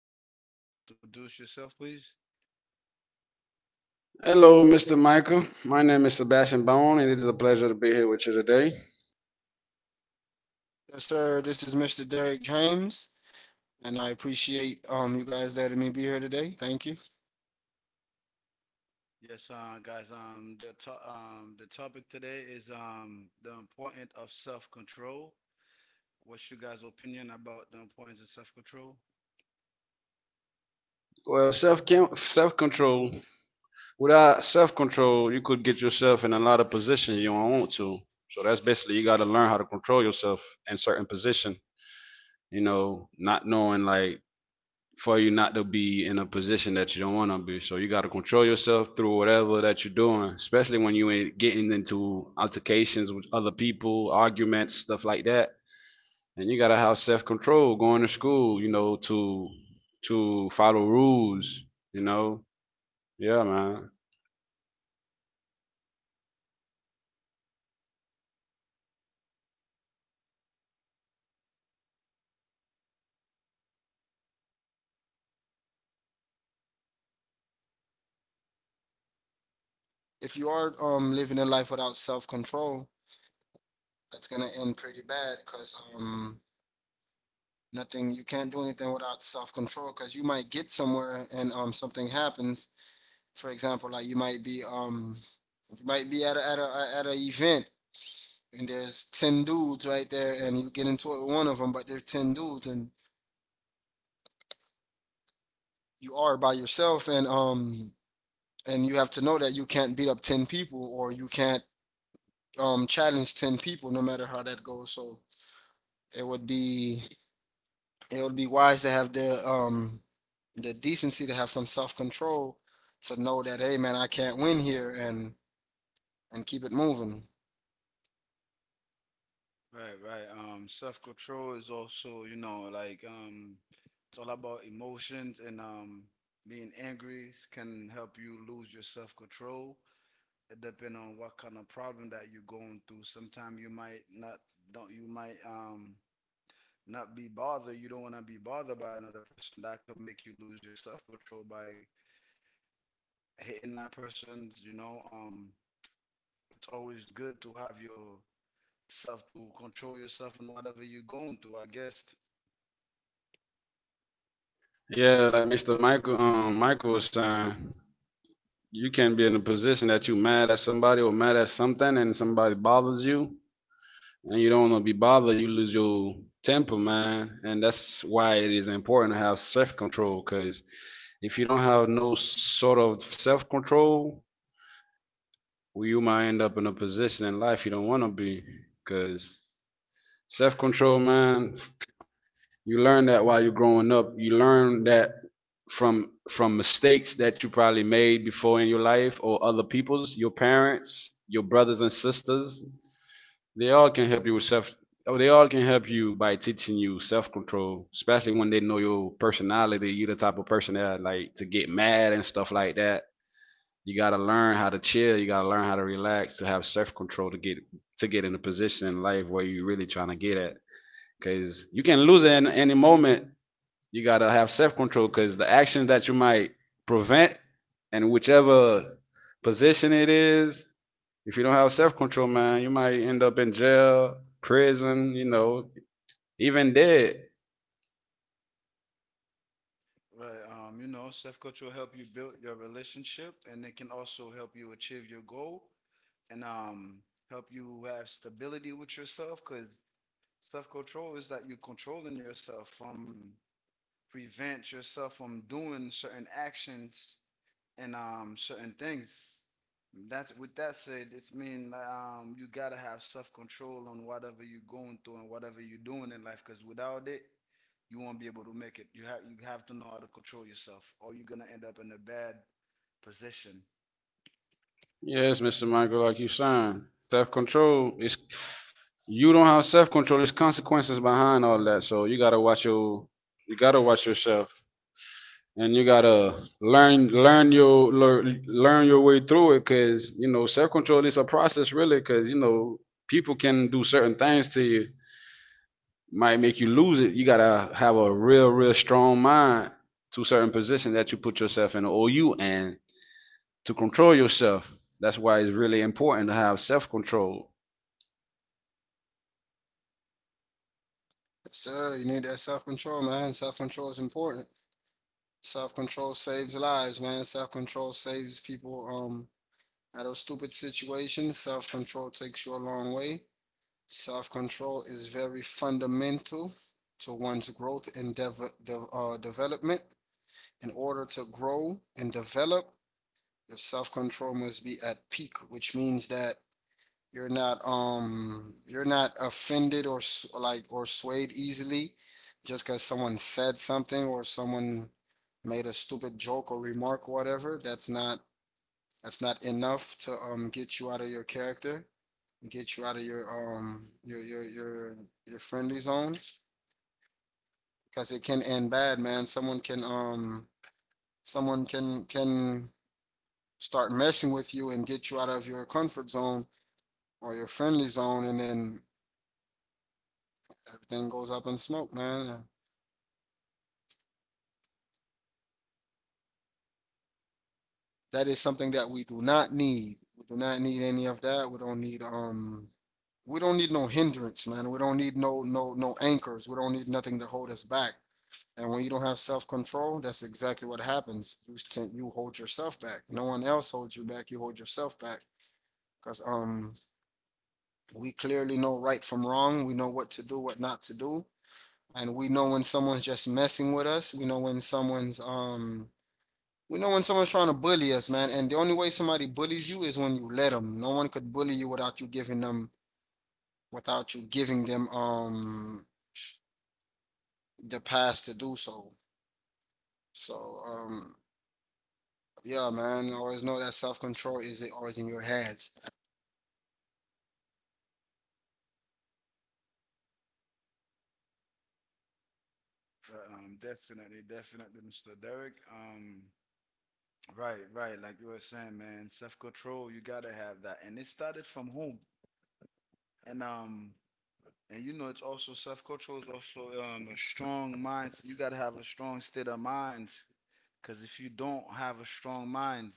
today. Can you guys introduce yourself, please? Hello, Mr. Michael. My name is Sebastian Bone, and it is a pleasure to be here with you today. Yes, sir. This is Mr. Derek James, and I appreciate you guys letting me be here today. Thank you. Yes, guys. The topic today is the importance of self-control. What's your guys' opinion about the importance of self-control? Well, self control. Without self control, you could get yourself in a lot of positions you don't want to. So that's basically you got to learn how to control yourself in certain position. Not knowing, like, for you not to be in a position that you don't want to be. So you got to control yourself through whatever that you're doing, especially when you ain't getting into altercations with other people, arguments, stuff like that, and you gotta have self control going to school, you know, to follow rules, you know. Yeah, man. If you are living a life without self control, that's gonna end pretty bad because nothing, you can't do anything without self control because you might get somewhere and something happens. For example, like you might be at a event and there's 10 dudes right there and you get into it with one of them, but there's 10 dudes and you are by yourself, and you have to know that you can't beat up 10 people, or you can't challenge 10 people no matter how that goes. So it would be it would be wise to have the decency to have some self-control, to know that, hey man, I can't win here, and keep it moving. Right, right. Self-control is also, it's all about emotions, and being angry can help you lose your self-control. It depend on what kind of problem that you're going through. Sometimes you might don't you might um not be bothered. You don't want to be bothered by another person. That could make you lose your self control by hitting that person. It's always good to have your self to control yourself and whatever you're going through, I guess. Yeah, like Mr. Michael was saying, you can be in a position that you mad at somebody or mad at something and somebody bothers you and you don't wanna be bothered, you lose your temper, man. And that's why it is important to have self control, because if you don't have no sort of self control, well, you might end up in a position in life you don't want to be, because self control, man. You learn that while you're growing up. You learn that from mistakes that you probably made before in your life, or other people's, your parents, your brothers and sisters. They all can help you with self. Oh, they all can help you by teaching you self control, especially when they know your personality. You're the type of person that like to get mad and stuff like that. You gotta learn how to chill. You gotta learn how to relax to have self control to get in a position in life where you're really trying to get at, because you can lose it in any moment. You gotta have self control because the action that you might prevent, and whichever position it is, if you don't have self control, man, you might end up in jail, prison, you know, even dead. Right. You know, self control help you build your relationship, and it can also help you achieve your goal, and help you have stability with yourself, because self control is that you're controlling yourself from, prevent yourself from doing certain actions and certain things. That's with that said, it's mean you gotta have self control on whatever you're going through and whatever you're doing in life. Cause without it, you won't be able to make it. You have to know how to control yourself, or you're gonna end up in a bad position. Yes, Mr. Michael, like you saying, self control is, you don't have self control, there's consequences behind all that, so you gotta watch your you gotta watch yourself, and you gotta learn your way through it, because you know self control is a process really, because you know people can do certain things to you, might make you lose it. You gotta have a real real strong mind to certain position that you put yourself in, or you, and to control yourself. That's why it's really important to have self control. Yes, sir, you need that self-control, man. Self-control is important. Self-control saves lives, man. Self-control saves people out of stupid situations. Self-control takes you a long way. Self control is very fundamental to one's growth and development. In order to grow and develop, your self control must be at peak, which means that you're not offended or, like, or swayed easily just because someone said something, or someone made a stupid joke or remark or whatever. That's not enough to get you out of your character, get you out of your um your your your your friendly zone, because it can end bad, man. Someone can start messing with you and get you out of your comfort zone or your friendly zone, and then everything goes up in smoke, man. That is something that we do not need. We do not need any of that. We don't need no hindrance, man. We don't need no anchors. We don't need nothing to hold us back. And when you don't have self control, that's exactly what happens. You hold yourself back. No one else holds you back. You hold yourself back because we clearly know right from wrong. We know what to do, what not to do, and we know when someone's just messing with us. We know when someone's trying to bully us, man. And the only way somebody bullies you is when you let them. No one could bully you without you giving them the pass to do so. So yeah, man, always know that self-control is always in your hands. Definitely, definitely, Mr. Derek. Right, right. Like you were saying, man, self-control, you gotta have that. And it started from home. And and you know it's also self-control is also a strong mind. You gotta have a strong state of mind. Cause if you don't have a strong mind,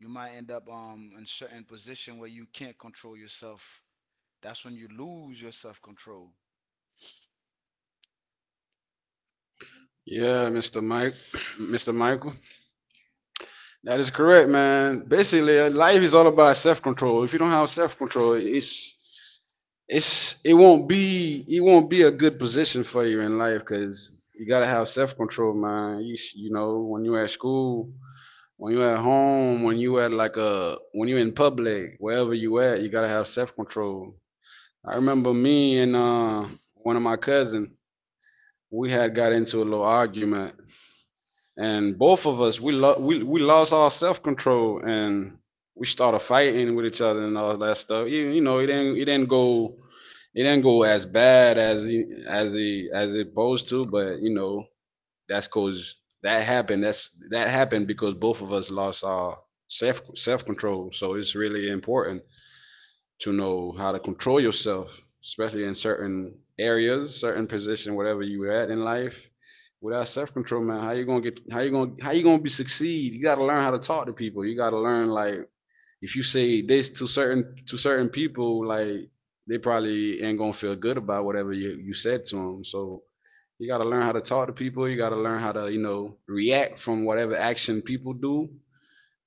you might end up in certain position where you can't control yourself. That's when you lose your self-control. Yeah mr mike Mr. Michael, that is correct, man. Basically, life is all about self control. If you don't have self control, it's it won't be a good position for you in life, because you gotta have self control, man. You know, when you're at school, when you're at home, when you at like a when you're in public, wherever you at, you gotta have self control. I remember me and, one of my cousin, we had got into a little argument, and both of us we lost our self control and we started fighting with each other and all that stuff. It didn't go as bad as it supposed to, but you know, that's cause that happened. that's that happened because both of us lost our self control. So it's really important to know how to control yourself, especially in certain areas, certain position, whatever you were at in life. Without self control, man, how you gonna get? How you gonna? How you gonna be succeed? You gotta learn how to talk to people. You gotta learn, like, if you say this to certain people, like, they probably ain't gonna feel good about whatever you said to them. So you gotta learn how to talk to people. You gotta learn how to, you know, react from whatever action people do.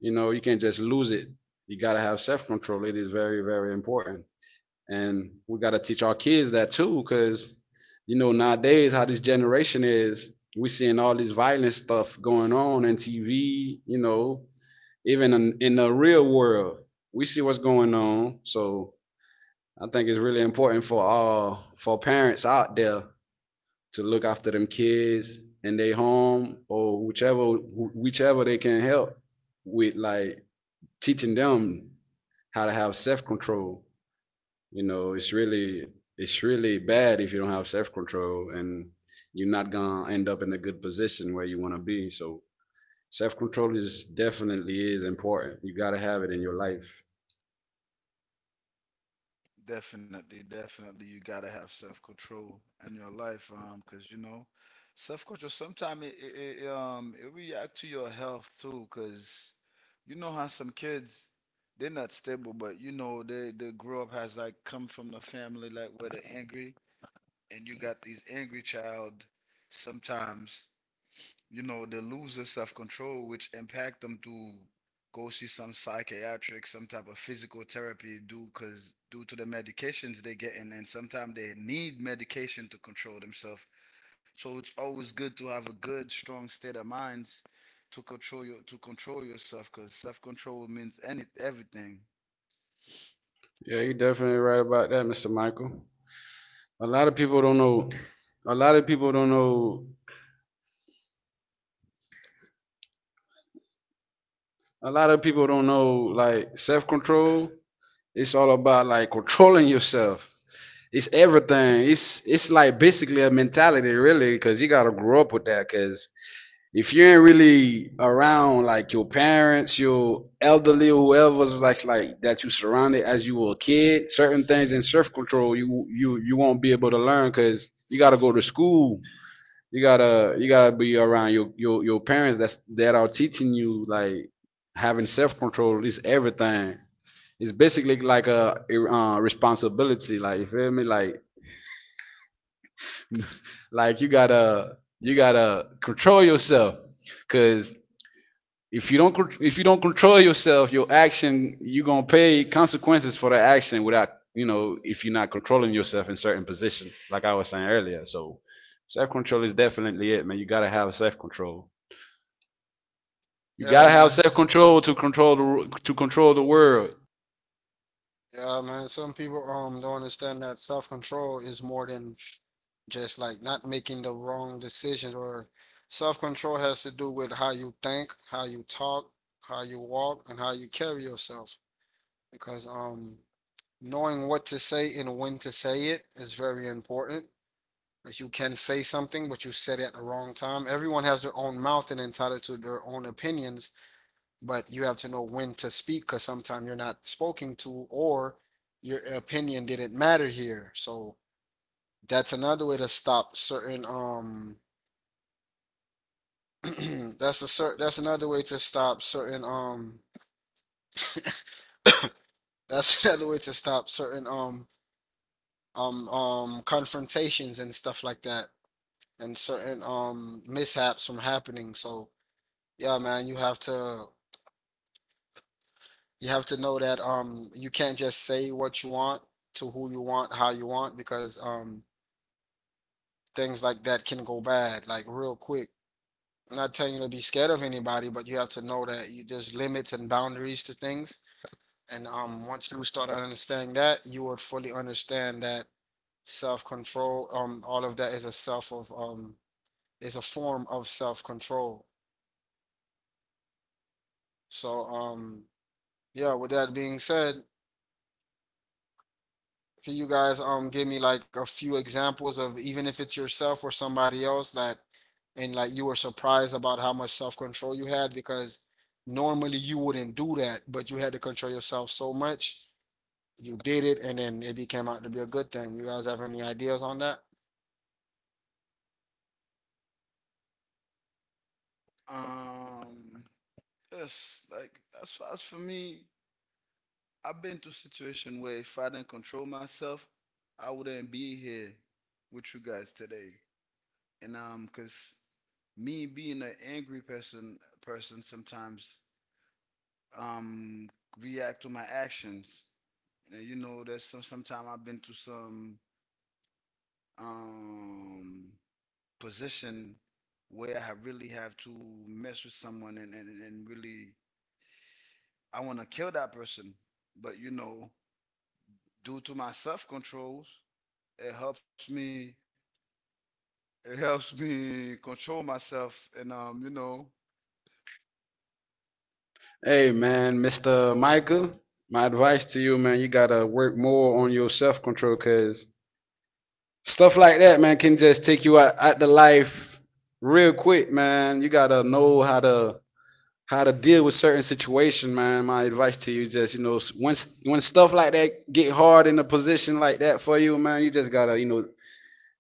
You know, you can't just lose it. You gotta have self control. It is very very important, and we got to teach our kids that too, because you know nowadays how this generation is, we seeing all this violent stuff going on in TV, you know, even in the real world, we see what's going on. So I think it's really important for all for parents out there to look after them kids in their home, or whichever they can help with, like teaching them how to have self-control. You know, it's really bad if you don't have self control, and you're not gonna end up in a good position where you wanna be. So self control is definitely is important. You gotta have it in your life. Definitely, definitely, you gotta have self control in your life, because you know, self control sometimes it react to your health too, because you know how some kids they're not stable, but you know they grow up has like come from the family like where they're angry, and you got these angry child sometimes, you know, they lose their self-control, which impact them to go see some psychiatric, some type of physical therapy due cause due to the medications they getting, and sometimes they need medication to control themselves. So it's always good to have a good, strong state of minds to control your to control yourself, because self-control means any everything. Yeah, you're definitely right about that, Mr. Michael. A lot of people don't know a lot of people don't know A lot of people don't know, like, self control. It's all about like controlling yourself. It's everything. It's like basically a mentality, really, because you gotta grow up with that. Because if you ain't really around like your parents, your elderly, or whoever's like that you surrounded as you were a kid, certain things in self control you won't be able to learn because you gotta go to school. You gotta be around your parents that's that are teaching you, like, having self control is everything. It's basically like a, responsibility. Like, you feel me? Like like you gotta control yourself, because if you don't con- if you don't control yourself, your action, you're gonna pay consequences for the action, without, you know, if you're not controlling yourself in certain position, like I was saying earlier. So self control is definitely it, man. You gotta have self control. You Yeah, gotta man. have self Yes. control to control the world. Yeah, man. Some people don't understand that self-control is more than just, like, not making the wrong decisions, or self-control has to do with how you think, how you talk, how you walk, and how you carry yourself. Because knowing what to say and when to say it is very important. If you can say something, but you said it at the wrong time. Everyone has their own mouth and entitled to their own opinions, but you have to know when to speak, because sometimes you're not spoken to, or your opinion didn't matter here. So that's another way to stop certain, that's a cer that's another way to stop certain, that's another way to stop certain, confrontations and stuff like that, and certain mishaps from happening. So yeah, man, you have to know that you can't just say what you want to who you want, how you want, because things like that can go bad, like, real quick. I'm not telling you to be scared of anybody, but you have to know that there's limits and boundaries to things. And once you start understanding that, you would fully understand that self-control, all of that is a self of is a form of self-control. So yeah, with that being said, can you guys give me like a few examples of, even if it's yourself or somebody else, that and, like, you were surprised about how much self-control you had because normally you wouldn't do that, but you had to control yourself so much. You did it and then it became out to be a good thing. You guys have any ideas on that? Um yes, like as far as for me, I've been to situation where if I didn't control myself, I wouldn't be here with you guys today. And Cause me being an angry person, person sometimes um react to my actions. And you know, there's sometimes I've been to some um position where I have really have to mess with someone, and really I want to kill that person, but you know, due to my self controls, it helps me it helps me control myself, and you know. Hey man, Mister Michael, my advice to you, man, you gotta work more on your self control, cause stuff like that, man, can just take you out, out the life real quick, man. You gotta know how to deal with certain situation, man. My advice to you is just, you know, when stuff like that get hard in a position like that for you, man, you just gotta, you know,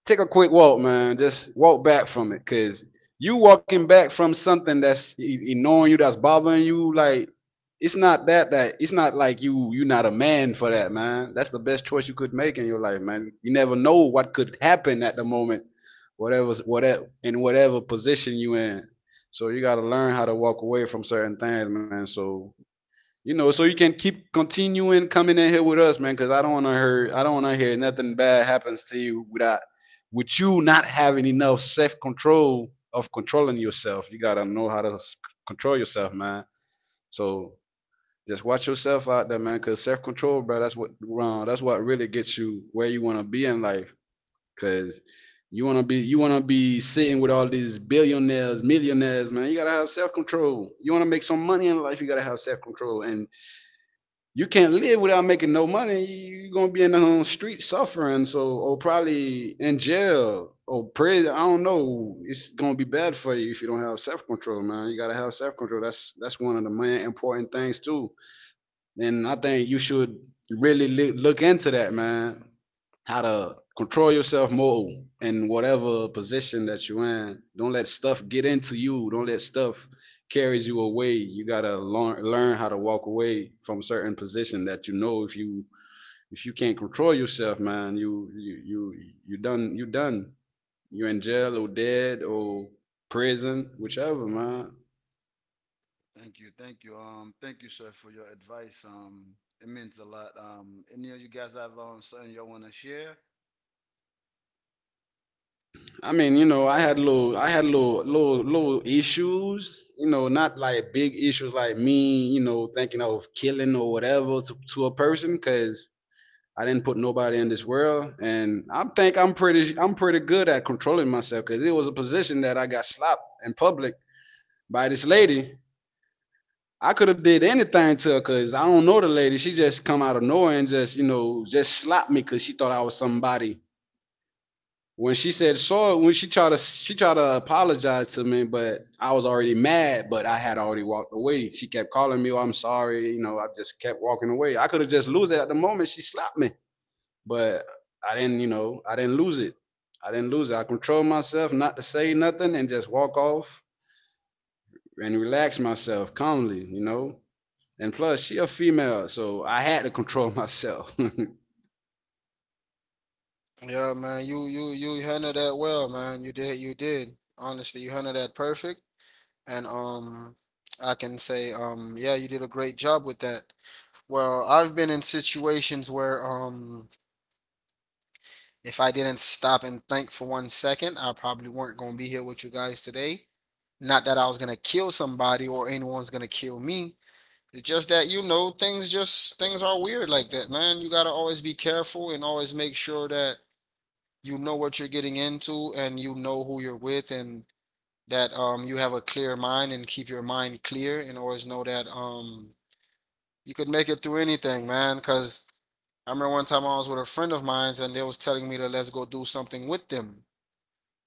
take a quick walk, man. Just walk back from it, cause you walking back from something that's annoying you, that's bothering you. Like, it's not that it's not like you are not a man for that, man. That's the best choice you could make in your life, man. You never know what could happen at the moment, whatever position you in. So you gotta learn how to walk away from certain things, man. So, you know, so you can keep continuing coming in here with us, man, because I don't want to hear I don't want to hear nothing bad happens to you without with you not having enough self control of controlling yourself. You gotta know how to control yourself, man. So just watch yourself out there, man, because self control, bro, that's what wrong. That's what really gets you where you want to be in life, because. You wanna be sitting with all these billionaires, millionaires, man. You gotta have self control. You wanna make some money in life, you gotta have self control. And you can't live without making no money. You're gonna be in the street suffering, so, or probably in jail or prison. I don't know. It's gonna be bad for you if you don't have self control, man. You gotta have self control. That's one of the main important things too. And I think you should really look into that, man, how to control yourself more in whatever position that you're in. Don't let stuff get into you. Don't let stuff carries you away. You gotta learn how to walk away from certain position that, you know, if you can't control yourself, man, you you done. You're in jail or dead or prison, whichever, man. Thank you, thank you, thank you, sir, for your advice. Um it means a lot. Um any of you guys have something you want to share? I mean, you know, I had little, little, little issues. You know, not like big issues like me. You know, thinking of killing or whatever to a person, because I didn't put nobody in this world, and I think I'm pretty good at controlling myself, because it was a position that I got slapped in public by this lady. I could have did anything to her because I don't know the lady. She just come out of nowhere and just, just slapped me because she thought I was somebody when she said sorry, when she tried to apologize to me, but I was already mad, but I had already walked away. She kept calling me, oh, I'm sorry, I just kept walking away. I could have just lose it at the moment she slapped me. But I didn't, I didn't lose it. I didn't lose it. I controlled myself not to say nothing and just walk off and relax myself calmly. And plus she a female, so I had to control myself. Yeah, man, you handled that well, man. You did. Honestly, you handled that perfect. And I can say yeah, you did a great job with that. Well, I've been in situations where, if I didn't stop and think for 1 second, I probably weren't going to be here with you guys today. Not that I was going to kill somebody, or anyone's going to kill me. It's just that, you know, things are weird like that, man. You got to always be careful and always make sure that you know what you're getting into, and you know who you're with, and that you have a clear mind and keep your mind clear, and always know that you could make it through anything, man. Because I remember one time I was with a friend of mine and they was telling me that, let's go do something with them.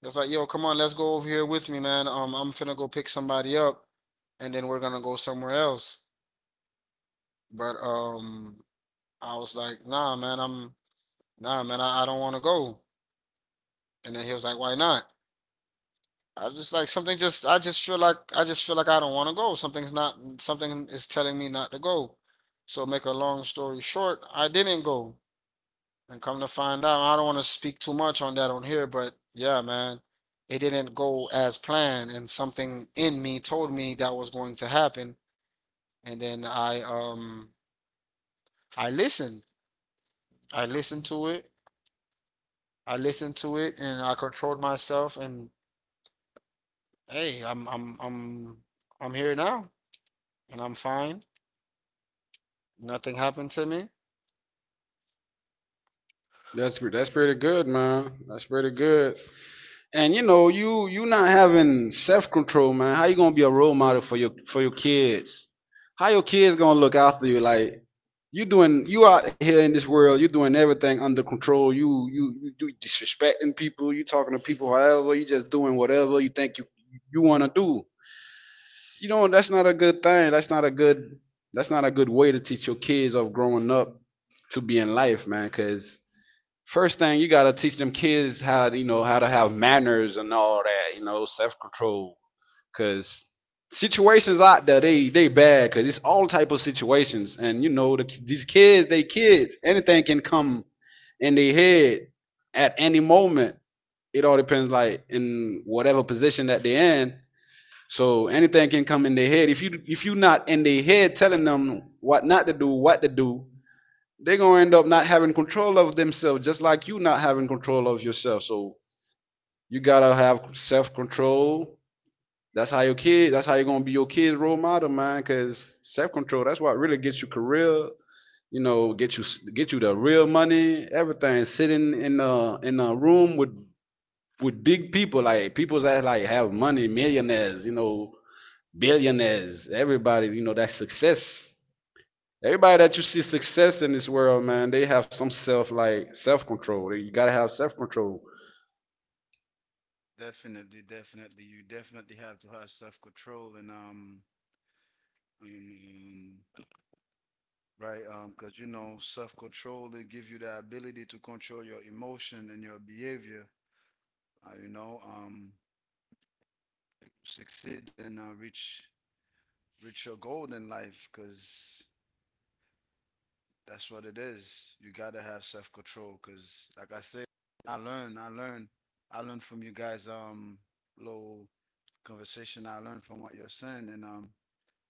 It was like, yo, come on, let's go over here with me, man. I'm finna go pick somebody up, and then we're gonna go somewhere else. But I was like, nah, man, I'm nah, man, I don't want to go. And then he was like, why not? I was just like, something just, I just feel like I don't want to go. Something is telling me not to go. So, make a long story short, I didn't go. And come to find out, I don't want to speak too much on that on here, but yeah, man, it didn't go as planned, and something in me told me that was going to happen, and then I I listened, I listened to it, I listened to it, and I controlled myself, and hey, I'm here now, and I'm fine. Nothing happened to me. That's pretty good, man. That's pretty good. And you know, you not having self control, man. How you gonna be a role model for your kids? How your kids gonna look after you? Like you doing, you out here in this world, you doing everything under control. You do disrespecting people. You talking to people however. You just doing whatever you think you wanna do. You know that's not a good thing. That's not a good way to teach your kids of growing up to be in life, man. Cause first thing you gotta teach them kids how to, you know how to have manners and all that, you know, self control. Cause situations out there they bad. Cause it's all type of situations, and you know these kids they kids anything can come in their head at any moment. It all depends like in whatever position that they're in. So anything can come in their head. If you not in their head telling them what not to do, what to do, they're gonna end up not having control of themselves, just like you not having control of yourself. So you gotta have self control. That's how your kid. That's how you're gonna be your kid's role model, man. Cause self control. That's what really gets you career. You know, get you the real money. Everything. Sitting in a room with big people, like people that like have money, millionaires. You know, billionaires. Everybody. You know, that success. Everybody that you see success in this world, man, they have some self control. You gotta have self control. Definitely, definitely, you definitely have to have self-control, and um, right, because you know self-control it gives you the ability to control your emotion and your behavior, uh, you know um succeed and reach your goal in life. Because that's what it is. You gotta have self control, cause like I said, I learn, I learn, I learn from you guys. Little conversation. I learned from what you're saying, and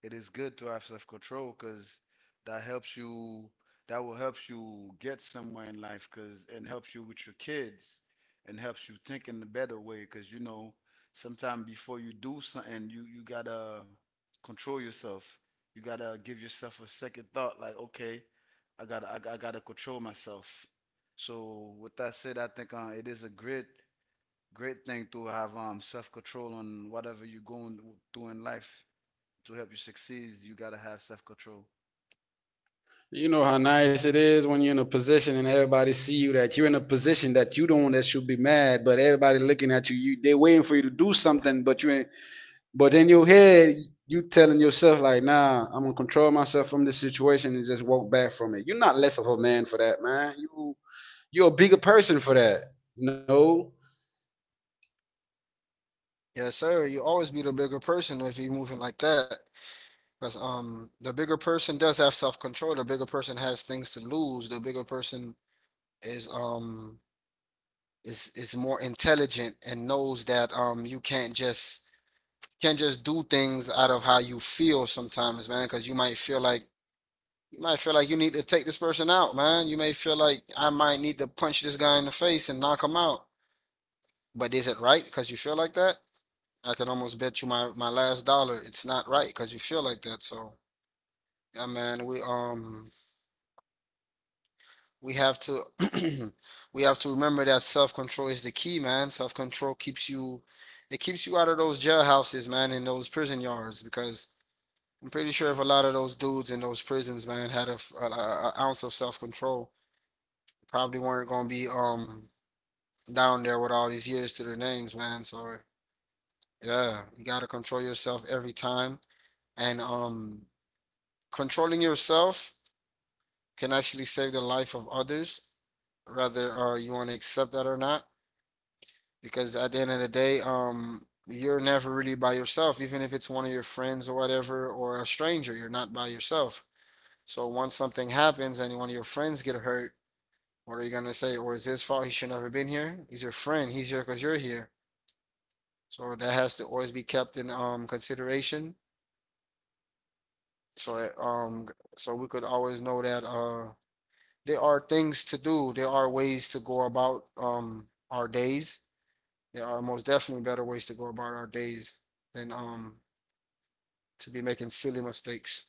it is good to have self-control because that helps you, that will help you get somewhere in life, because, and helps you with your kids, and helps you think in a better way, because, you know, sometime before you do something, you gotta control yourself. You gotta give yourself a second thought like, okay, I gotta control myself. So with that said, I think it is a great, great thing to have self control on whatever you're going through in life. To help you succeed, you gotta have self control. You know how nice it is when you're in a position and everybody see you that you're in a position that you don't that should be mad, but everybody looking at you, you they waiting for you to do something, but you ain't but in your head you telling yourself like, nah, I'm gonna control myself from this situation and just walk back from it. You're not less of a man for that, man. You're a bigger person for that. You know? Yes, sir. You always be the bigger person if you're moving like that. Because the bigger person does have self-control. The bigger person has things to lose. The bigger person is um is more intelligent and knows that you can't just do things out of how you feel sometimes, man. Because you might feel like you need to take this person out, man. You may feel like, I might need to punch this guy in the face and knock him out. But is it right because you feel like that? I can almost bet you my last dollar it's not right because you feel like that. So yeah, man, we have to we have to remember that self-control is the key, man. Self-control keeps you out of those jailhouses, man, and those prison yards, because I'm pretty sure if a lot of those dudes in those prisons, man, had a, f- a ounce of self-control, probably weren't going to be down there with all these years to their names, man. So yeah, you got to control yourself every time, and controlling yourself can actually save the life of others, whether, you want to accept that or not. Because at the end of the day, you're never really by yourself. Even if it's one of your friends or whatever, or a stranger, you're not by yourself. So once something happens and one of your friends get hurt, what are you gonna say? Or is his fault? He should never been here. He's your friend. He's here because you're here. So that has to always be kept in consideration. So that, so we could always know that, there are things to do. There are ways to go about our days. There are most definitely better ways to go about our days than to be making silly mistakes.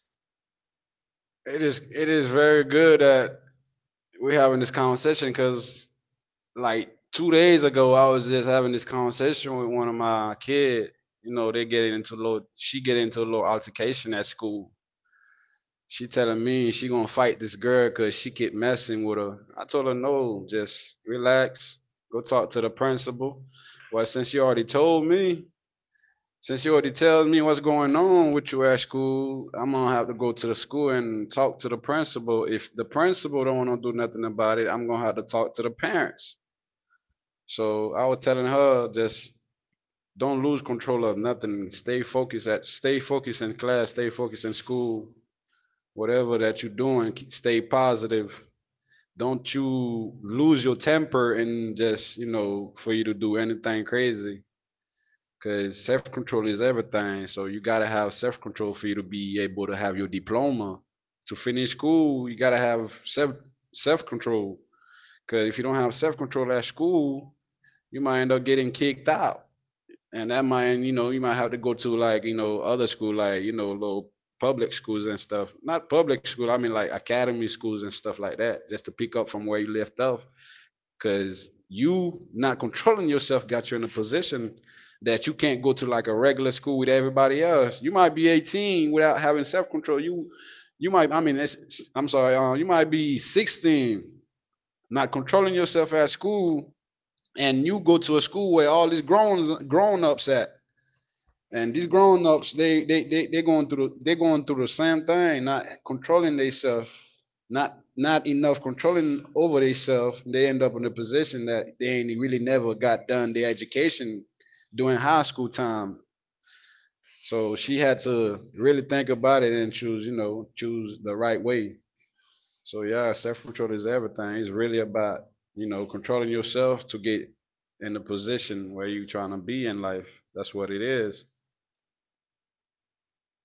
It is very good that we're having this conversation because like 2 days ago I was just having this conversation with one of my kid. You know, they getting into a little she get into a little altercation at school. She telling me she gonna fight this girl because she keep messing with her. I told her no, just relax, go talk to the principal. Well, since you already told me, since you already tell me what's going on with you at school, I'm gonna have to go to the school and talk to the principal. If the principal don't want to do nothing about it, I'm gonna have to talk to the parents. So I was telling her just don't lose control of nothing. Stay focused in class, stay focused in school, whatever that you're doing, stay positive. Don't you lose your temper and just, you know, for you to do anything crazy because self control is everything. So you gotta have self control for you to be able to have your diploma. To finish school, you gotta have self control. Because if you don't have self control at school, you might end up getting kicked out, and that might you know you might have to go to like you know other school like you know little public schools and stuff. Not public school, I mean like academy schools and stuff like that, just to pick up from where you left off. Cause you not controlling yourself got you in a position that you can't go to like a regular school with everybody else. You might be 18 without having self control. You might I mean I'm sorry, you might be 16 not controlling yourself at school and you go to a school where all these grown ups at and these grown ups, they going through they going through the same thing, not controlling themselves, not enough controlling over themselves. They end up in a position that they ain't really never got done their education during high school time. So she had to really think about it and choose, you know, choose the right way. So yeah, self control is everything. It's really about you know controlling yourself to get in the position where you trying to be in life. That's what it is.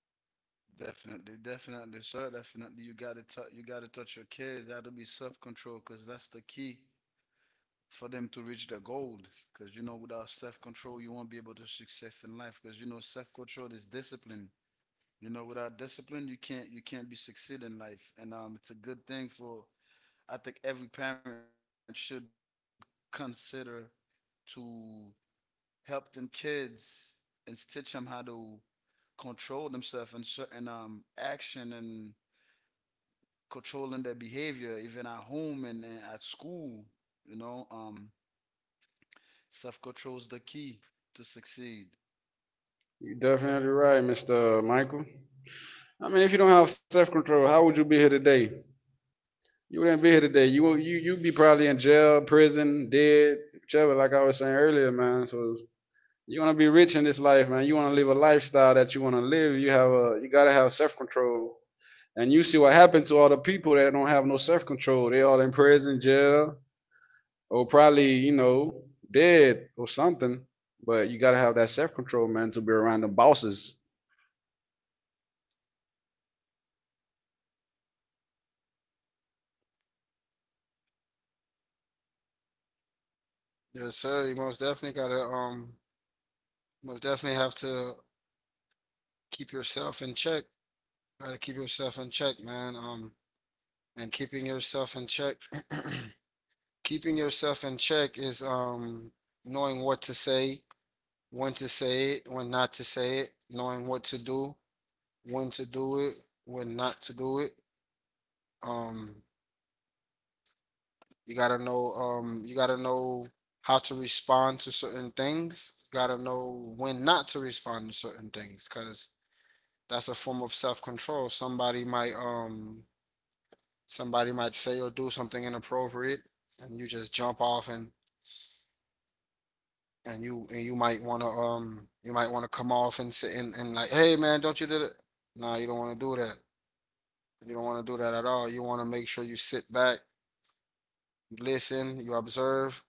Definitely, definitely, sir. Definitely, you gotta touch, you gotta touch your kids. That'll be self control, cause that's the key for them to reach their goal. Cause you know, without self control, you won't be able to success in life. Cause you know, self control is discipline. You know, without discipline, you can't be succeed in life. And It's a good thing for, I think every parent should consider to help them kids and teach them how to control themselves in certain action, and controlling their behavior even at home, and at school. you know um Self-control is the key to succeed. You're definitely right, Mr. Michael. I mean, if you don't have self control, how would you be here today? You wouldn't be here today. You'd be probably in jail, prison, dead, whichever. Like I was saying earlier, man. So you want to be rich in this life, man. You want to live a lifestyle that you want to live. You gotta have self control. And you see what happened to all the people that don't have no self control. They all in prison, jail, or probably you know dead or something. But you gotta have that self control, man, to be around them bosses. Yes, sir. You most definitely gotta, most definitely have to, keep yourself in check. Gotta keep yourself in check, man. And keeping yourself in check keeping yourself in check is knowing what to say, when to say it, when not to say it, knowing what to do, when to do it, when not to do it. Um you gotta know how to respond to certain things. You gotta know when not to respond to certain things, because that's a form of self-control. Somebody might say or do something inappropriate, and you just jump off, and you might wanna come off and sit and like, hey man, don't you do that? Nah, you don't wanna do that. You don't wanna do that at all. You wanna make sure you sit back, you listen, you observe,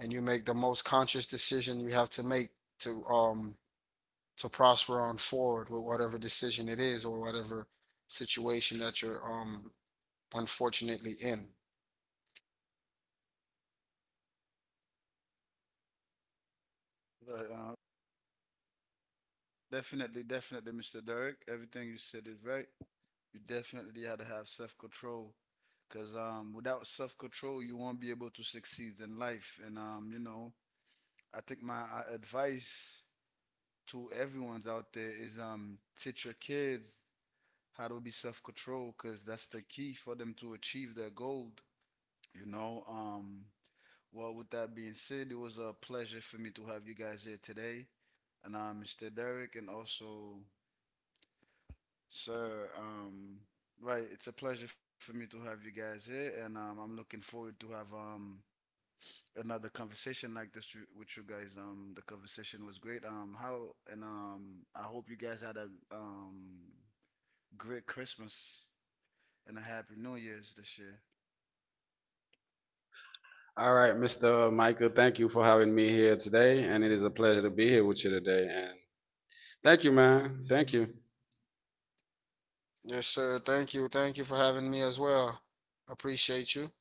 and you make the most conscious decision you have to make to prosper on forward with whatever decision it is, or whatever situation that you're unfortunately in. but, uh, Definitely, definitely, Mr. Derek, everything you said is right. You definitely had to have self-control, because without self-control you won't be able to succeed in life. And you know, I think my advice to everyone's out there is, teach your kids how to be self-control, because that's the key for them to achieve their goal. You know. Um well, with that being said, it was a pleasure for me to have you guys here today, and Mr. Derek, and also sir. Right, it's a pleasure for me to have you guys here, and I'm looking forward to have another conversation like this with you guys. The conversation was great. How and I hope you guys had a um great Christmas and a happy New Year's this year. All right, Mr. Michael, thank you for having me here today, and it is a pleasure to be here with you today. And thank you, man. Thank you. Yes, sir. Thank you. Thank you for having me as well. Appreciate you.